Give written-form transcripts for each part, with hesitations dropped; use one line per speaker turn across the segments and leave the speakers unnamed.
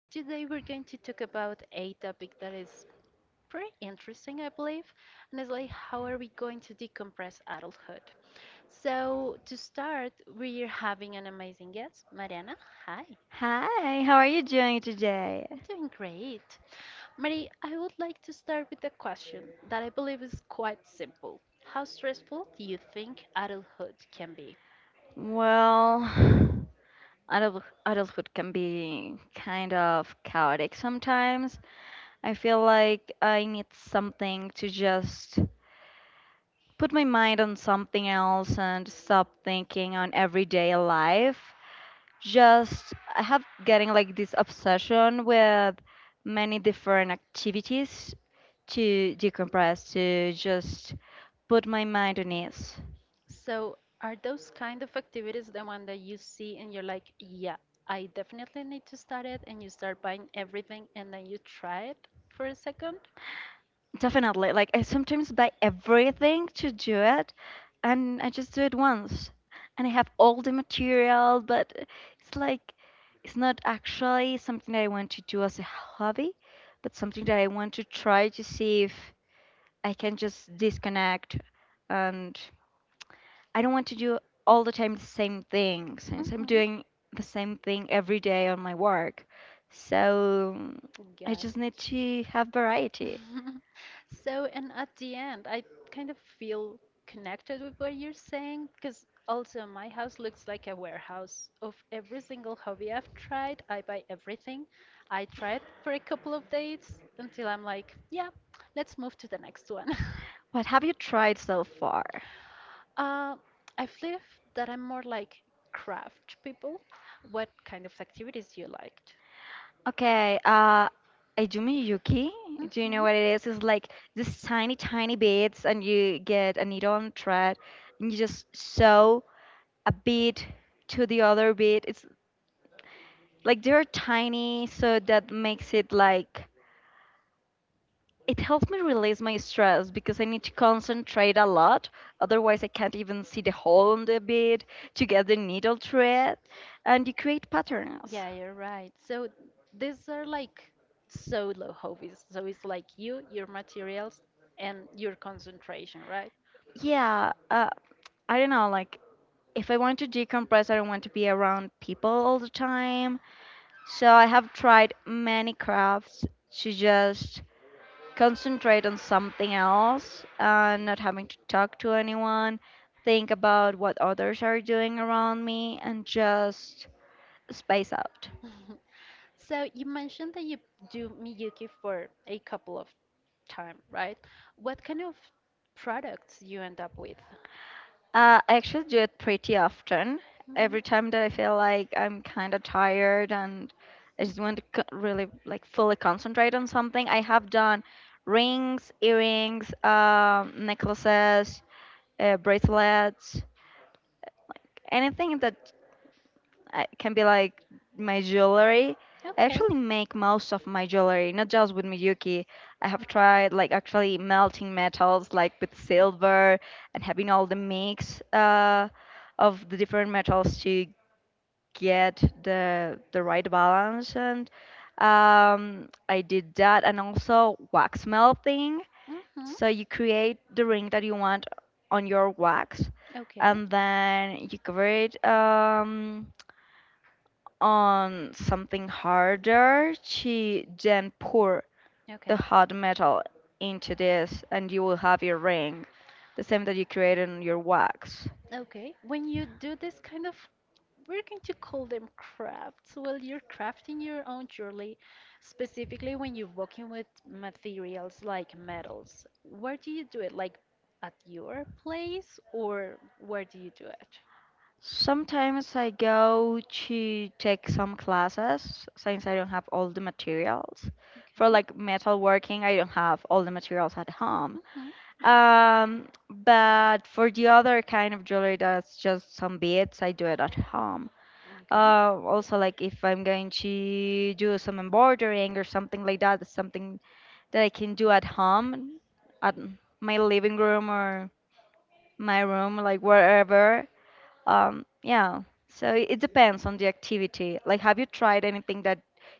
Today we're going to talk about a topic that is pretty interesting, I believe, and it's like how are we going to decompress adulthood? So, to start, we're having an amazing guest, Mariana. Hi.
Hi, how are you doing today?
I'm doing great. Marie, I would like to start with a question that I believe is quite simple. How stressful do you think adulthood can be?
Well, adulthood can be kind of chaotic sometimes. I feel like I need something to just put my mind on something else and stop thinking on everyday life. Just I have getting like this obsession with many different activities to decompress, to just put my mind on ease.
So, are those kind of activities the one that you see and you're like, yeah, I definitely need to start it, and you start buying everything and then you try it for a second?
Definitely. Like I sometimes buy everything to do it and I just do it once. And I have all the material, but it's like it's not actually something that I want to do as a hobby, but something that I want to try to see if I can just disconnect and I don't want to do all the time the same thing since I'm
Mm-hmm.
doing the same thing every day on my work. So I
Got
just need to have variety.
So, and at the end, I kind of feel connected with what you're saying because also my house looks like a warehouse of every single hobby I've tried. I buy everything. I try it for a couple of days until I'm like, yeah, let's move to the next one.
What have you tried so far?
Uh, I believe that I'm more like craft people. What kind of activities you liked?
Okay, Ayumi Yuki.
Do
Do you know
hmm.
what it is? It's like these tiny, tiny beads, and you get a needle and thread, and you just sew a bead to the other bead. It's like they're tiny, so that makes it like it helps me release my stress because I need to concentrate a lot. Otherwise, I can't even see the hole on the bead to get the needle thread, and you create patterns.
Yeah, you're right. So these are like solo hobbies. So it's like you, your materials, and your concentration, right?
Yeah, I don't know, like if I want to decompress, I don't want to be around people all the time. So I have tried many crafts to just concentrate on something else and not having to talk to anyone, think about what others are doing around me, and just space out.
So you mentioned that you do Miyuki for a couple of time, right? What kind of products you end up with?
I actually do it pretty often.
Mhm.
Every time that I feel like I'm kind of tired and I just want to really like fully concentrate on something, I have done rings, earrings, necklaces, bracelets, anything that I can be like my jewelry. I
Okay.
actually make most of my jewelry, not just with Miyuki. I have tried like actually melting metals, like with silver, and having all the mix of the different metals to get the right balance. And I did that, and also wax melting.
Mm-hmm.
So you create the ring that you want on your wax,
Okay.
and then you cover it. On something harder, she then pour the
Okay.
hot metal into this and you will have your ring, the same that you created on your wax.
Okay. When you do this kind of, we're going to call them crafts. Well, you're crafting your own jewelry, specifically when you're working with materials like metals. Where do you do it? Like at your place, or where do you do it?
Sometimes I go to take some classes since I don't have all the materials. For like
Okay.
metal working, I don't have all the materials at home.
Hmm.
But for the other kind of jewelry that's just some beads, I do it at home.
Okay.
Also, like if I'm going to do some embroidering or something like that, it's something that I can do at home, at my living room or my room, like wherever. Yeah. So it depends on the activity. Like, have you tried anything that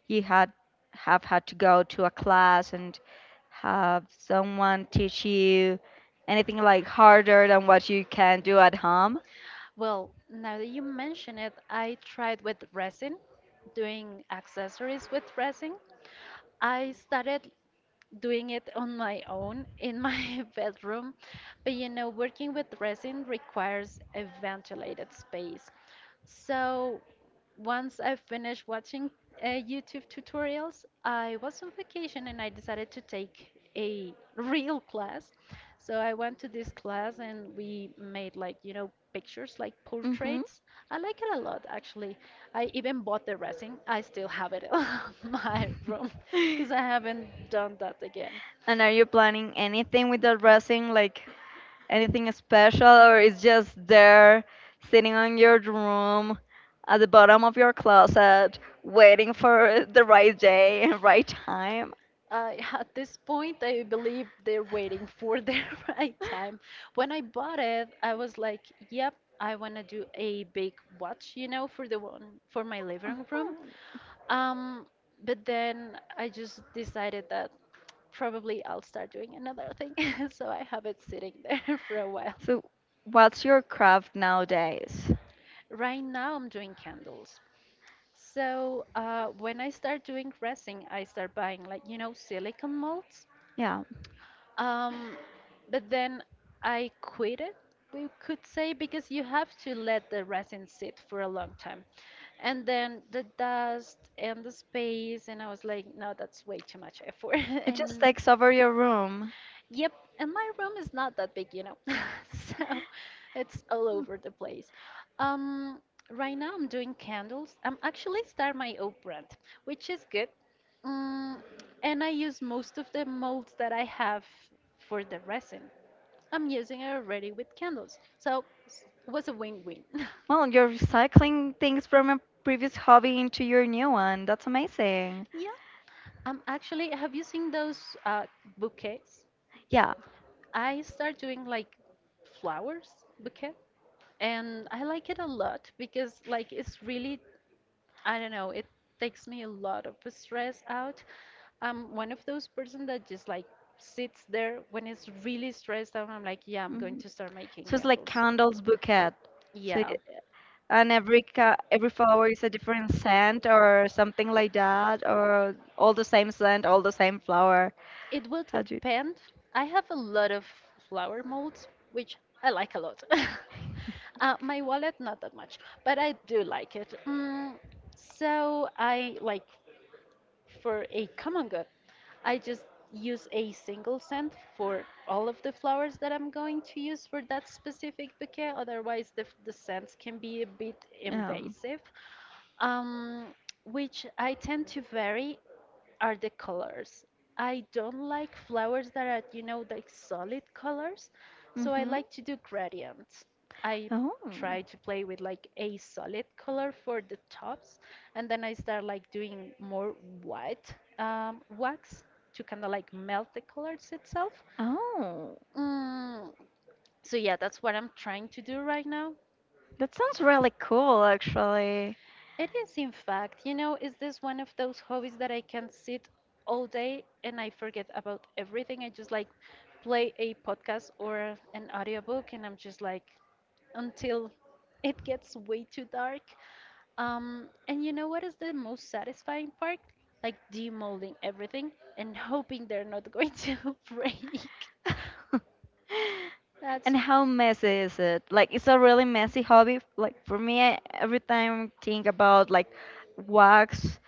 you had have had to go to a class and have someone teach you anything like harder than what you can do at home?
Well, now that you mention it, I tried with resin, doing accessories with resin. I started doing it on my own in my bedroom. But you know, working with resin requires a ventilated space. So once I finished watching YouTube tutorials, I was on vacation and I decided to take a real class. So I went to this class and we made like, you know, pictures, like portraits. I like it a lot, actually. I even bought the resin. I still have it in my room because I haven't done that again.
And are you planning anything with the dressing, like anything special, or it's just there sitting on your room at the bottom of your closet, waiting for the right day and right time?
At this point, I believe they're waiting for the right time. When I bought it, I was like, "Yep, I want to do a big watch, you know, for the one for my living room."
Oh.
Um, but then I just decided that probably I'll start doing another thing, so I have it sitting there for a while.
So, what's your craft nowadays?
Right now, I'm doing candles. So, when I start doing resin, I start buying like, you know, silicone molds.
Yeah,
Um, but then I quit it, we could say, because you have to let the resin sit for a long time. And then the dust and the space, and I was like, no, that's way too much effort.
it just
And
takes over your room.
yep, and my room is not that big, you know. So it's all over the place. Um, right now I'm doing candles. I'm actually start my own brand, which is good. Mm, and I use most of the molds that I have for the resin. I'm using it already with candles. So it was a win-win.
Well, you're recycling things from a previous hobby into your new one. That's amazing.
Yeah. Actually, have you seen those bouquets?
Yeah.
I start doing like flowers bouquet. And I like it a lot because like it's really I don't know, it takes me a lot of stress out. I'm one of those person that just like sits there when it's really stressed out. I'm like, yeah, I'm going
Hmm.
to start making
So it's like
candles.
candles bouquet. So
Yeah,
and every ca every flower is a different scent or something like that, or all the same scent, all the same flower.
it will
How do you?
depend. I have a lot of flower molds, which I like a lot. My wallet, not that much, but I do like it. Mm, so I like for a common good. I just use a single scent for all of the flowers that I'm going to use for that specific bouquet. Otherwise, the scents can be a bit
Um.
invasive, um, which I tend to vary are the colors. I don't like flowers that are, you know, like solid colors, so I
Mhm.
like to do gradients. I
Oh.
try to play with like a solid color for the tops, and then I start like doing more white wax to kind of like melt the colors itself.
Oh.
Mm, so yeah, that's what I'm trying to do right now.
That sounds really cool, actually.
It is, in fact, you know, is this one of those hobbies that I can sit all day and I forget about everything? I just like play a podcast or an audiobook and I'm just like until it gets way too dark. And you know what is the most satisfying part? Like demolding everything and hoping they're not going to break. That's
And how messy is it? Like, it's a really messy hobby. Like, for me, I every time think about like wax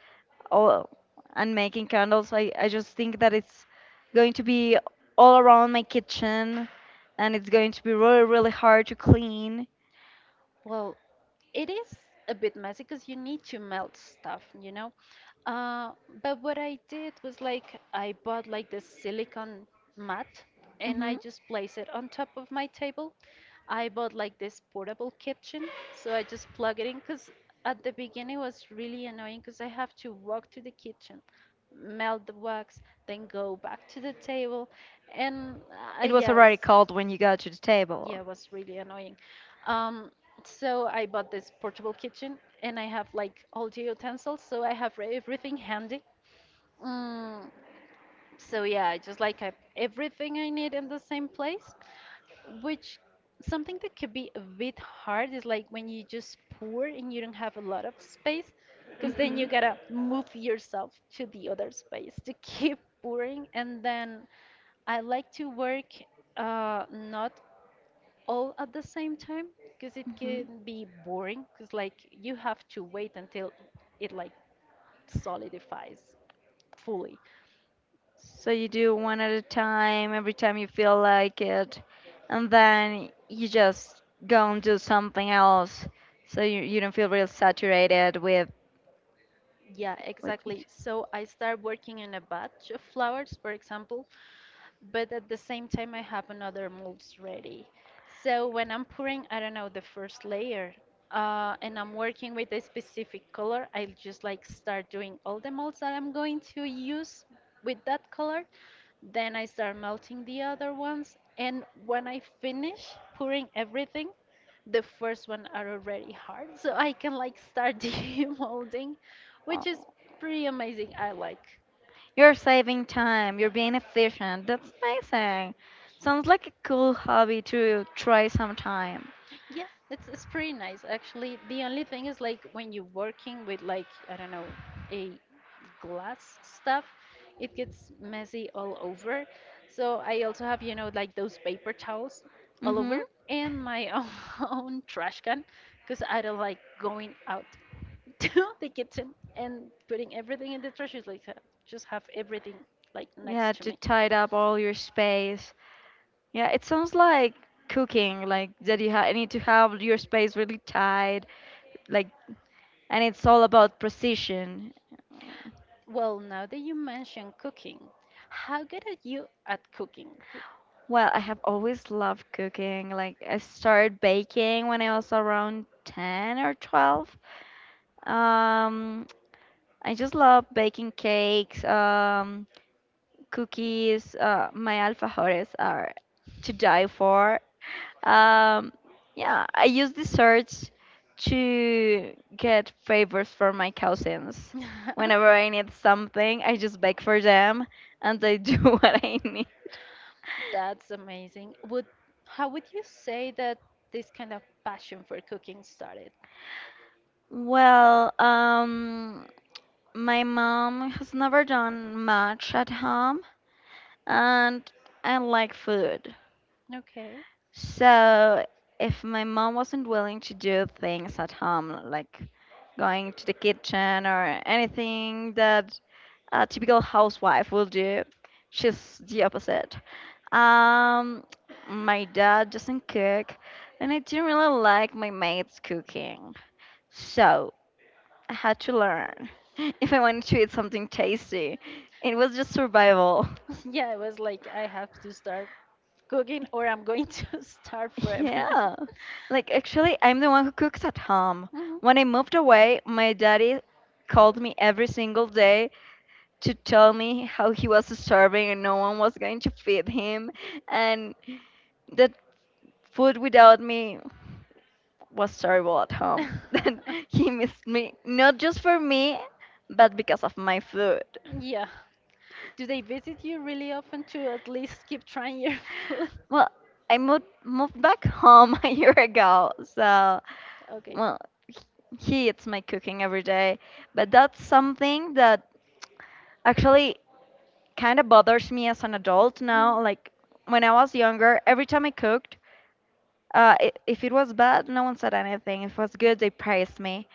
or and making candles, I just think that it's going to be all around my kitchen and it's going to be really, really hard to clean.
well, it is a bit messy because you need to melt stuff, you know? Uh, but what I did was like I bought like this silicone mat and I
Hmm.
just place it on top of my table. I bought like this portable kitchen, so I just plug it in because at the beginning it was really annoying because I have to walk to the kitchen, melt the wax, then go back to the table, and
It was
yeah, it
already
was.
cold when you got to the table.
Yeah, it was really annoying. Um, so I bought this portable kitchen and I have like all the utensils, so I have everything handy. Mm, so yeah, I just like have everything I need in the same place, which something that could be a bit hard is like when you just pour and you don't have a lot of space, because then
Mhm.
you gotta move yourself to the other space to keep pouring. And then I like to work not all at the same time because it
Mhm.
can be boring because like you have to wait until it like solidifies fully.
So you do one at a time every time you feel like it, and then you just go and do something else, so you don't feel real saturated
Yeah,
with
exactly,
it.
so I start working on a batch of flowers, for example, but at the same time I have another molds ready. So when I'm pouring, I don't know, the first layer, and I'm working with a specific color, I'll just like start doing all the molds that I'm going to use with that color. Then I start melting the other ones, and when I finish pouring everything, the first one are already hard, so I can like start demolding,
Oh.
which is pretty amazing. I like.
You're saving time. You're being efficient. That's amazing. Sounds like a cool hobby to try sometime.
Yeah, it's pretty nice actually. The only thing is like when you're working with like I don't know a glass stuff, it gets messy all over. So I also have you know like those paper towels all
Mm-hmm.
over and my own trash can because I don't like going out to the kitchen and putting everything in the trash. It's like just have everything like
Yeah,
next to
to
me.
tidy up all your space. Yeah, it sounds like cooking, like that you need to have your space really tight, like, and it's all about precision.
Well, now that you mention cooking, how good are you at cooking?
Well, I have always loved cooking. Like, I started baking when I was around 10 or 12. Um, I just love baking cakes, cookies. My alfajores are to die for. Um, yeah, I use the search to get favors for my cousins. Whenever I need something, I just beg for them and they do what I need.
That's amazing. Would how would you say that this kind of passion for cooking started?
Well, my mom has never done much at home, and I like food.
Okay.
So, if my mom wasn't willing to do things at home, like going to the kitchen or anything that a typical housewife will do. She's the opposite. Um, my dad doesn't cook, and I didn't really like my maid's cooking. So I had to learn if I wanted to eat something tasty. It was just survival.
Yeah, it was like I have to start cooking or I'm going to starve forever.
Yeah. Like, actually, I'm the one who cooks at home. When I
Mhm.
moved away, my daddy called me every single day to tell me how he was starving and no one was going to feed him and that food without me was terrible at home. Then he missed me, not just for me, but because of my food.
Yeah. Do they visit you really often to at least keep trying your food?
Well, I moved back home a year ago, so
Okay.
well, h- he eats my cooking every day. But that's something that actually kind of bothers me as an adult now.
Mm.
Like when I was younger, every time I cooked, if it was bad, no one said anything. If it was good, they praised me.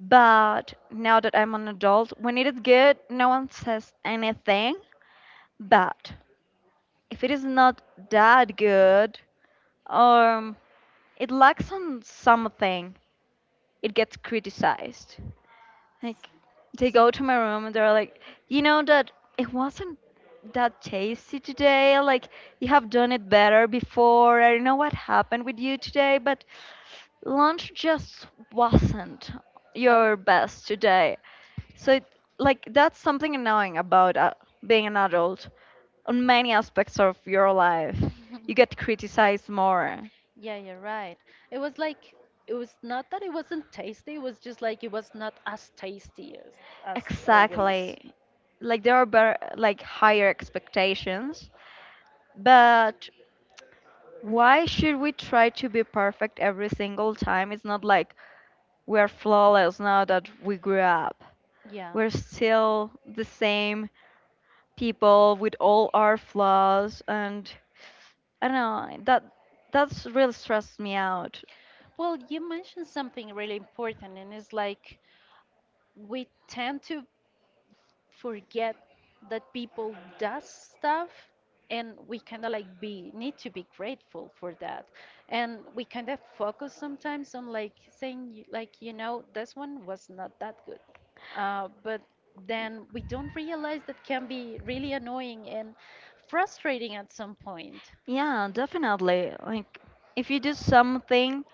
But now that I'm an adult, when it is good, no one says anything. But if it is not that good, um, it lacks on something, it gets criticized. Like they go to my room and they're like, you know that it wasn't that tasty today. Like you have done it better before. I don't know what happened with you today, but lunch just wasn't
Oh.
your best today. So, like, that's something annoying about being an adult. On many aspects of your life, you get criticized more.
Yeah, you're right. It was like it was not that it wasn't tasty, it was just like it was not as tasty as always.
Exactly. Like, there are better, like, higher expectations. But why should we try to be perfect every single time? It's not like we're flawless now that we grew up.
Yeah.
We're still the same people with all our flaws, and I don't know, that's really stressed me out.
Well, you mentioned something really important, and it's like we tend to forget that people does stuff and we kind of like be need to be grateful for that and we kind of focus sometimes on like saying like you know this one was not that good, but then we don't realize that can be really annoying and frustrating at some point.
Yeah, definitely. Like, if you do something,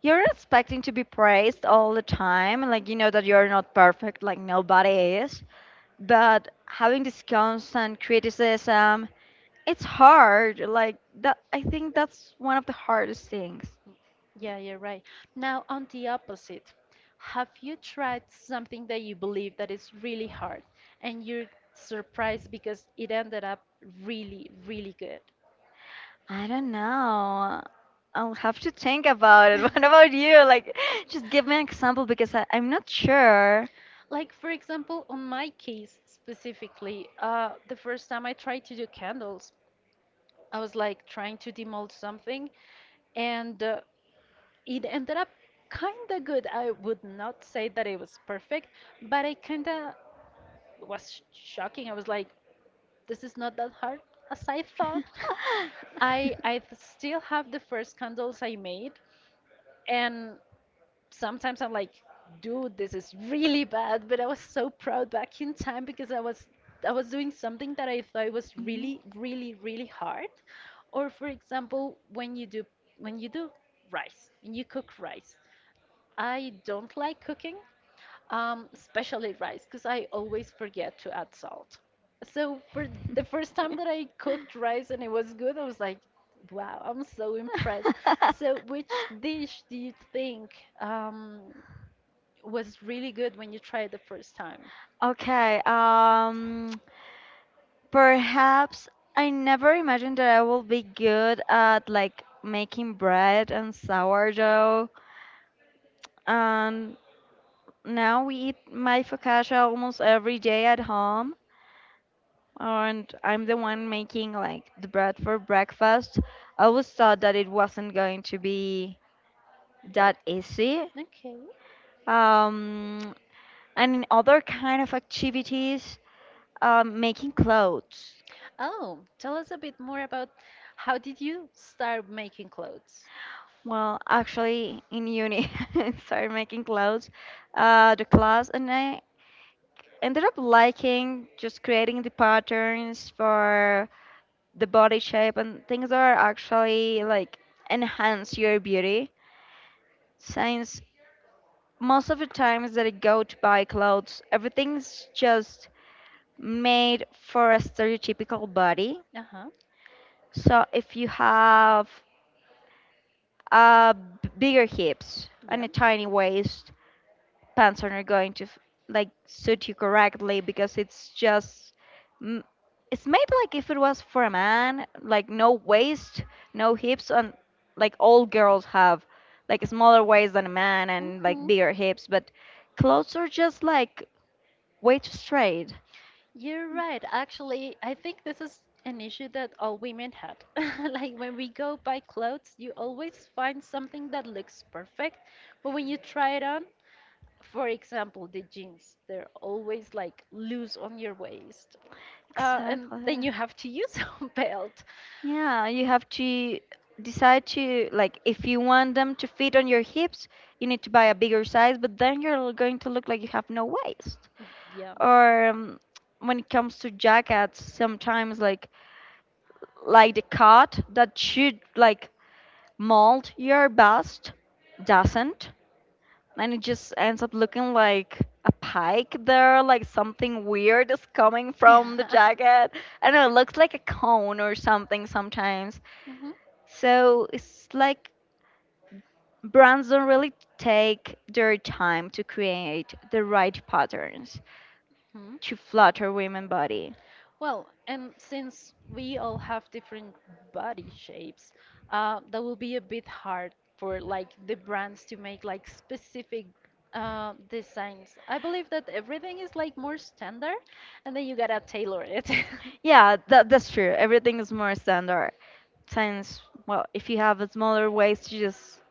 you're expecting to be praised all the time. Like, you know that you're not perfect, like nobody is. But having this constant criticism, it's hard. Like, I think that's one of the hardest things.
Yeah, you're right. Now, on the opposite, have you tried something that you believe that is really hard and you're surprised because it ended up really, really good?
I don't know. I'll have to think about it. What about you? Like, just give me an example because I'm not sure.
Like, for example, on my case specifically, the first time I tried to do candles, I was like trying to demold something, and it ended up kind of good. I would not say that it was perfect, but I kind of was shocking. I was like, this is not that hard as I thought. I still have the first candles I made, and sometimes I'm like, dude, this is really bad. But I was so proud back in time because I was doing something that I thought was really, really, really hard. Or for example, when you do when you do rice, when you cook rice, I don't like cooking, especially rice, because I always forget to add salt. So for the first time that I cooked rice and it was good, I was like, wow, I'm so impressed. So which dish do you think um, was really good when you tried the first time?
Okay, perhaps I never imagined that I will be good at like making bread and sourdough. And now we eat my focaccia almost every day at home, and I'm the one making like the bread for breakfast. I always thought that it wasn't going to be
That
that easy.
okay.
Um, and in other kind of activities, making clothes.
Oh, tell us a bit more about how did you start making clothes?
Well, actually, in uni, I started making clothes, the class, and I ended up liking just creating the patterns for the body shape and things that are actually like enhance your beauty since most of the times that I go to buy clothes, everything's just made for a stereotypical body.
Uh-huh.
So if you have uh, bigger hips and a
Yep.
tiny waist, pants are not going to like suit you correctly because it's just m- it's made like if it was for a man, like no waist, no hips, and like all girls have like a smaller waist than a man and like
Mhm.
bigger hips, but clothes are just like way to trade.
You're right. Actually, I think this is an issue that all women had. Like when we go buy clothes, you always find something that looks perfect, but when you try it on, for example, the jeans, they're always like loose on your waist. And
Exactly.
then you have to use a belt.
Yeah, you have to decide to like if you want them to fit on your hips, you need to buy a bigger size, but then you're going to look like you have no waist.
Yeah.
Or when it comes to jackets, sometimes like the cut that should like mold your bust doesn't, and it just ends up looking like a pike there, like something weird is coming
Yeah.
from the jacket. I don't know, it looks like a cone or something sometimes. So it's like brands don't really take their time to create the right patterns
Mhm.
to flatter women body.
Well, and since we all have different body shapes, that will be a bit hard for like the brands to make like specific designs. I believe that everything is like more standard, and then you gotta tailor it.
Yeah, that, that's true. Everything is more standard since, well, if you have a smaller waist, you just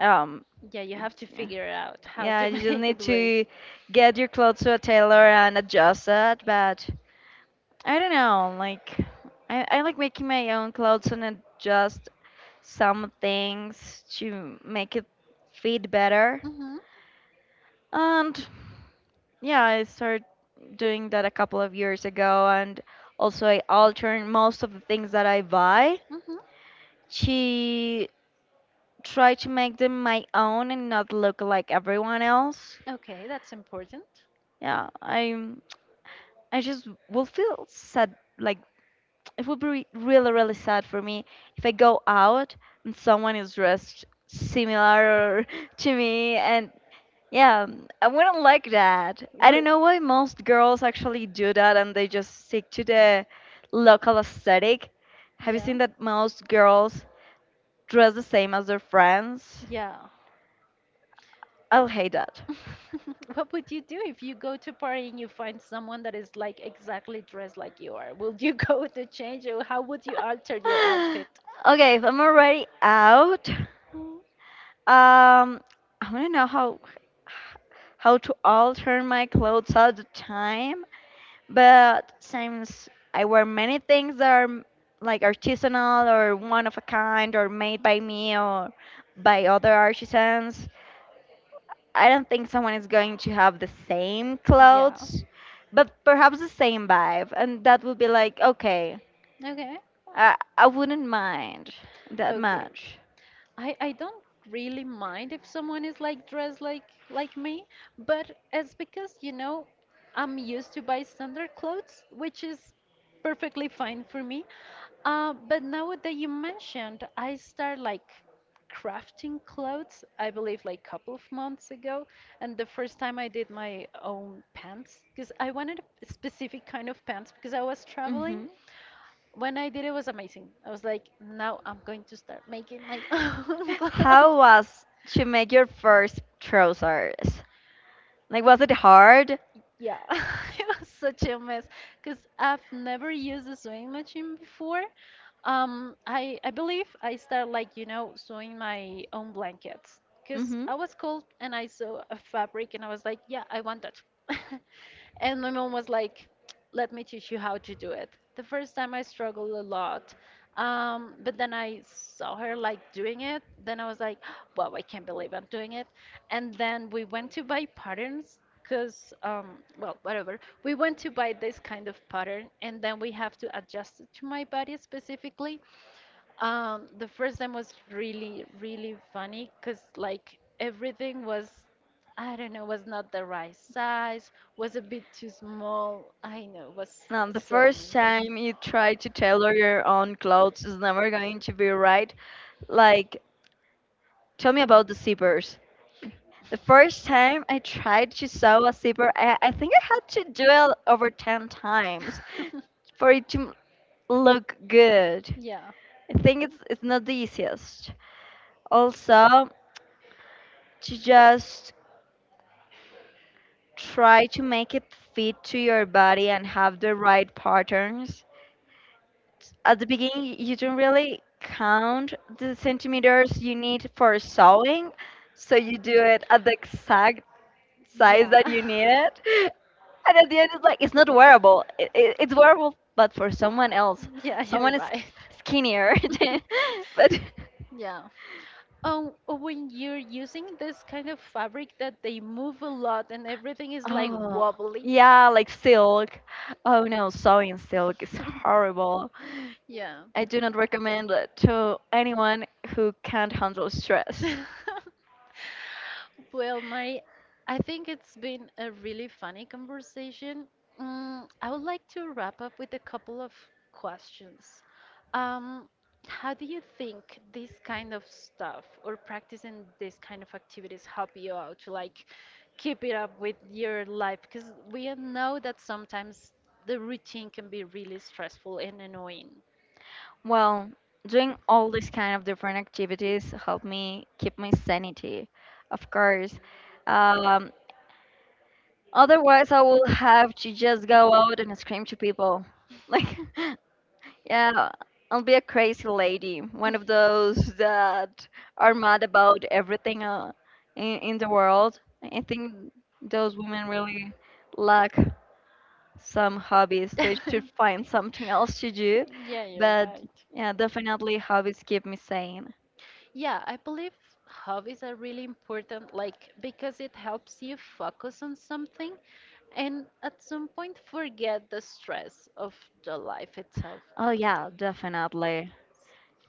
um,
Yeah, you have to
yeah.
figure out how
Yeah,
to
you just
make it
need
work.
to get your clothes to a tailor and adjust that. But I don't know, like I like making my own clothes and adjust some things to make it fit better.
Mm-hmm,
And yeah, I started doing that a couple of years ago, and also I alter most of the things that I buy
mm-hmm.
to try to make them my own and not look like everyone else.
Okay, that's important.
Yeah, I just will feel sad. Like it would be really, really sad for me if I go out and someone is dressed similar to me, and yeah, I wouldn't like that. I don't
But
know why most girls actually do that, and they just stick to the local aesthetic. Have you
yeah,
seen that most girls dress the same as their friends?
yeah.
I'll hate that.
What would you do if you go to a party and you find someone that is like exactly dressed like you are? Will you go to change or how would you alter your outfit?
Okay, if I'm already out.
Mm.
Um, I want to know how to alter my clothes all the time, but since I wear many things that are like artisanal or one of a kind or made by me or by other artisans, I don't think someone is going to have the same
Yeah.
clothes, but perhaps the same vibe, and that would be like okay,
Okay.
I wouldn't mind that
Okay.
much.
I don't really mind if someone is like dressed like me, but it's because I'm used to buy standard clothes, which is perfectly fine for me. But now that you mentioned, I start like crafting clothes, I believe like couple of months ago, and the first time I did my own pants because I wanted a specific kind of pants because I was traveling.
Hmm.
When I did it was amazing. I was like, now I'm going to start making my own
How
clothes.
was to make your first trousers? Like, was it hard?
Yeah, it was such a mess because I've never used a sewing machine before. I believe I start like sewing my own blankets because I was cold and I saw a fabric and I was like, yeah, I want that. And my mom was like, let me teach you how to do it. The first time I struggled a lot. But then I saw her like doing it. Then I was like, wow, I can't believe I'm doing it. And then we went to buy patterns because, well, whatever. We went to buy this kind of pattern and then we have to adjust it to my body specifically. The first time was really, really funny because like everything was, I don't know, was not the right size, was a bit too small. I know, was
Now the
so
first
amazing.
time you try to tailor your own clothes is never going to be right. Like, tell me about the zippers. The
The
first time I tried to sew a
was
zipper, I think I had to do it over 10 times
time.
for it to look good.
Yeah.
I think it's not the easiest. Also, to just try to make it fit to your body and have the right patterns. At the beginning, you don't really count the centimeters you need for sewing, so you do it at the exact size
Yeah.
that you needed. And at the end, it's like, it's not wearable. It's wearable, but for someone else.
Yeah, you're
Someone is skinnier. But,
right. Yeah. Oh, when you're using this kind of fabric that they move a lot and everything is like
oh,
wobbly.
yeah, like silk. Oh no, sewing silk is horrible.
Yeah.
I do not recommend it to anyone who can't handle
Handle stress.
stress.
Well, Mari, I think it's been a really funny conversation. I would like to wrap up with a couple of questions. Um, how do you think this kind of stuff or practicing this kind of activities help you out to like keep it up with your life? Because we know that sometimes the routine can be really stressful and annoying.
Well, doing all these kind of different activities help me keep my sanity, of course. Um, Otherwise, I will have to just go out and scream to people. Like, yeah, I'll be a crazy lady, one of those that are mad about everything in the world. I think those women really lack some hobbies. They should find something else to do.
Yeah, you're
But
right.
yeah, definitely hobbies keep me sane.
Yeah, I believe hobbies are really important, like because it helps you focus on something and at some point forget the stress of the life itself.
Oh yeah, definitely.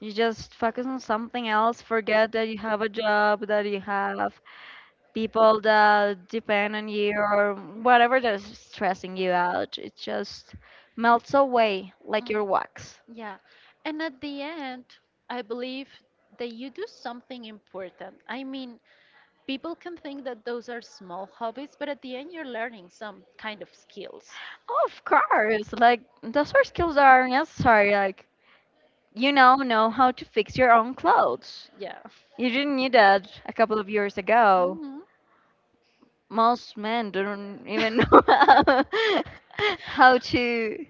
You just focus on something else, forget that you have a job, that you have people that depend on you or whatever that is stressing you out. It just melts away like your
Mm.
wax.
Yeah, and at the end, I believe that you do something important. I mean, people can think that those are small hobbies, but at the end, you're learning some kind of skills.
Of course, like those are skills that are necessary. Like you now know how to fix your own clothes.
Yeah.
You didn't knew that a couple of years ago.
Mhm.
Most men don't even know how to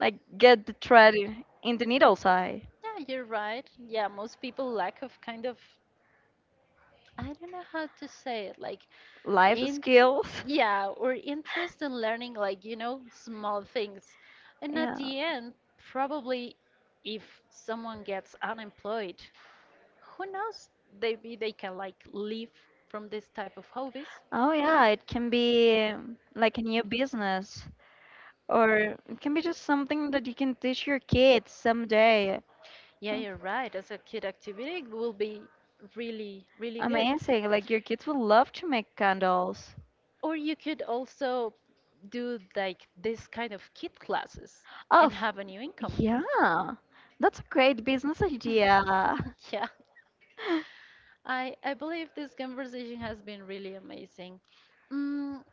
like get the thread in the needle's eye.
Yeah, you're right. Yeah, most people lack of kind of I don't know how to say it, like
Life
in
skills.
yeah, or interest in learning like, small things. And at
Yeah.
the end, probably if someone gets unemployed, who knows? Maybe they can like live from this type of hobbies.
Oh yeah, it can be like a new business, or it can be just something that you can teach your kids someday.
Yeah,
Mm,
you're right. As a kid activity it will be really, really good.
amazing. Like your kids will love to make candles.
Or you could also do like this kind of kid classes
Oh,
and
f-
have a new income.
yeah. That's a great business idea.
Yeah, I believe this conversation has been really amazing. Mm,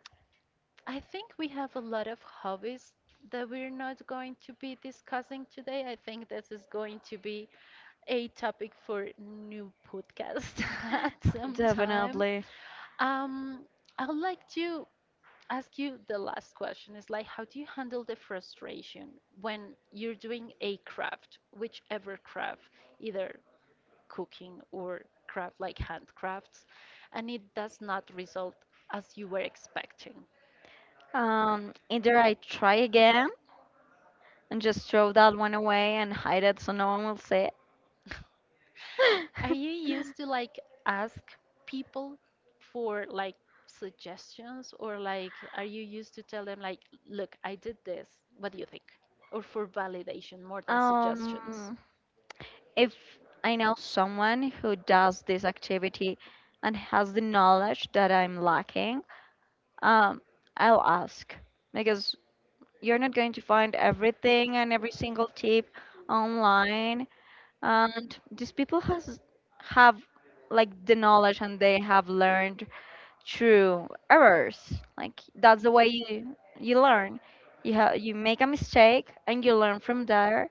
I think we have a lot of hobbies that we're not going to be discussing today. I think this is going to be a topic for new podcast at some time.
Definitely.
Um, I'd like to ask you the last question is like how do you handle the frustration when you're doing a craft, whichever craft, either cooking or craft like handcrafts, and it does not result as you were expecting?
Either I try again and just throw that one away and hide it so no one will see it.
Are you used to like ask people for like suggestions, or like are you used to tell them like, look, I did this, what do you think? Or for validation more than suggestions?
Um, if I know someone who does this activity and has the knowledge that I'm lacking, um, I'll ask because you're not going to find everything and every single tip online. And these people has have like the knowledge and they have learned through errors. Like that's the way you learn. You you make a mistake and you learn from there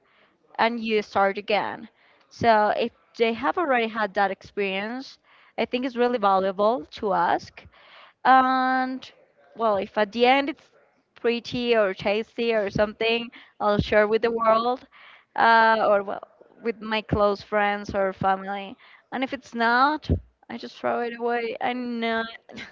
and you start again. So if they have already had that experience, I think it's really valuable to ask. And well, if at the end it's pretty or tasty or something, I'll share with the world, or well, with my close friends or family. And if it's not, I just throw it away. I know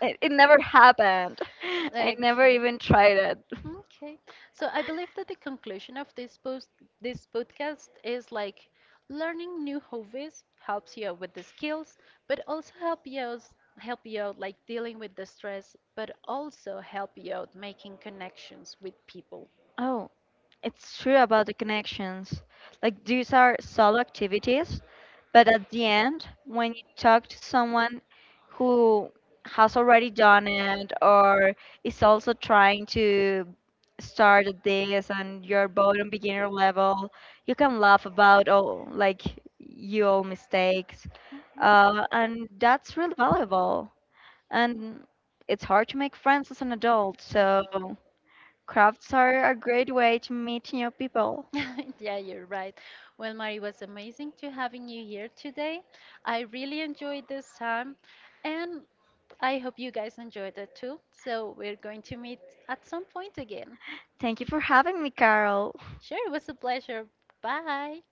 it never happened. I never
Okay.
even tried it.
Okay. So I believe that the conclusion of this post this podcast is like learning new hobbies helps you out with the skills, but also help you out like dealing with the stress, but also help you out making connections with people.
Oh, it's true about the connections. Like these are solo activities. But at the end, when you talk to someone who has already done it or is also trying to start at this and you're both on beginner level, you can laugh about all like your mistakes. And that's really valuable. And it's hard to make friends as an adult, so crafts are a great way to meet new people.
Yeah, you're right. Well, Mari, it was amazing to having you here today. I really enjoyed this time, and I hope you guys enjoyed it too. So we're going to meet at some point again.
Thank you for having me, Carol.
Sure, it was a pleasure. Bye.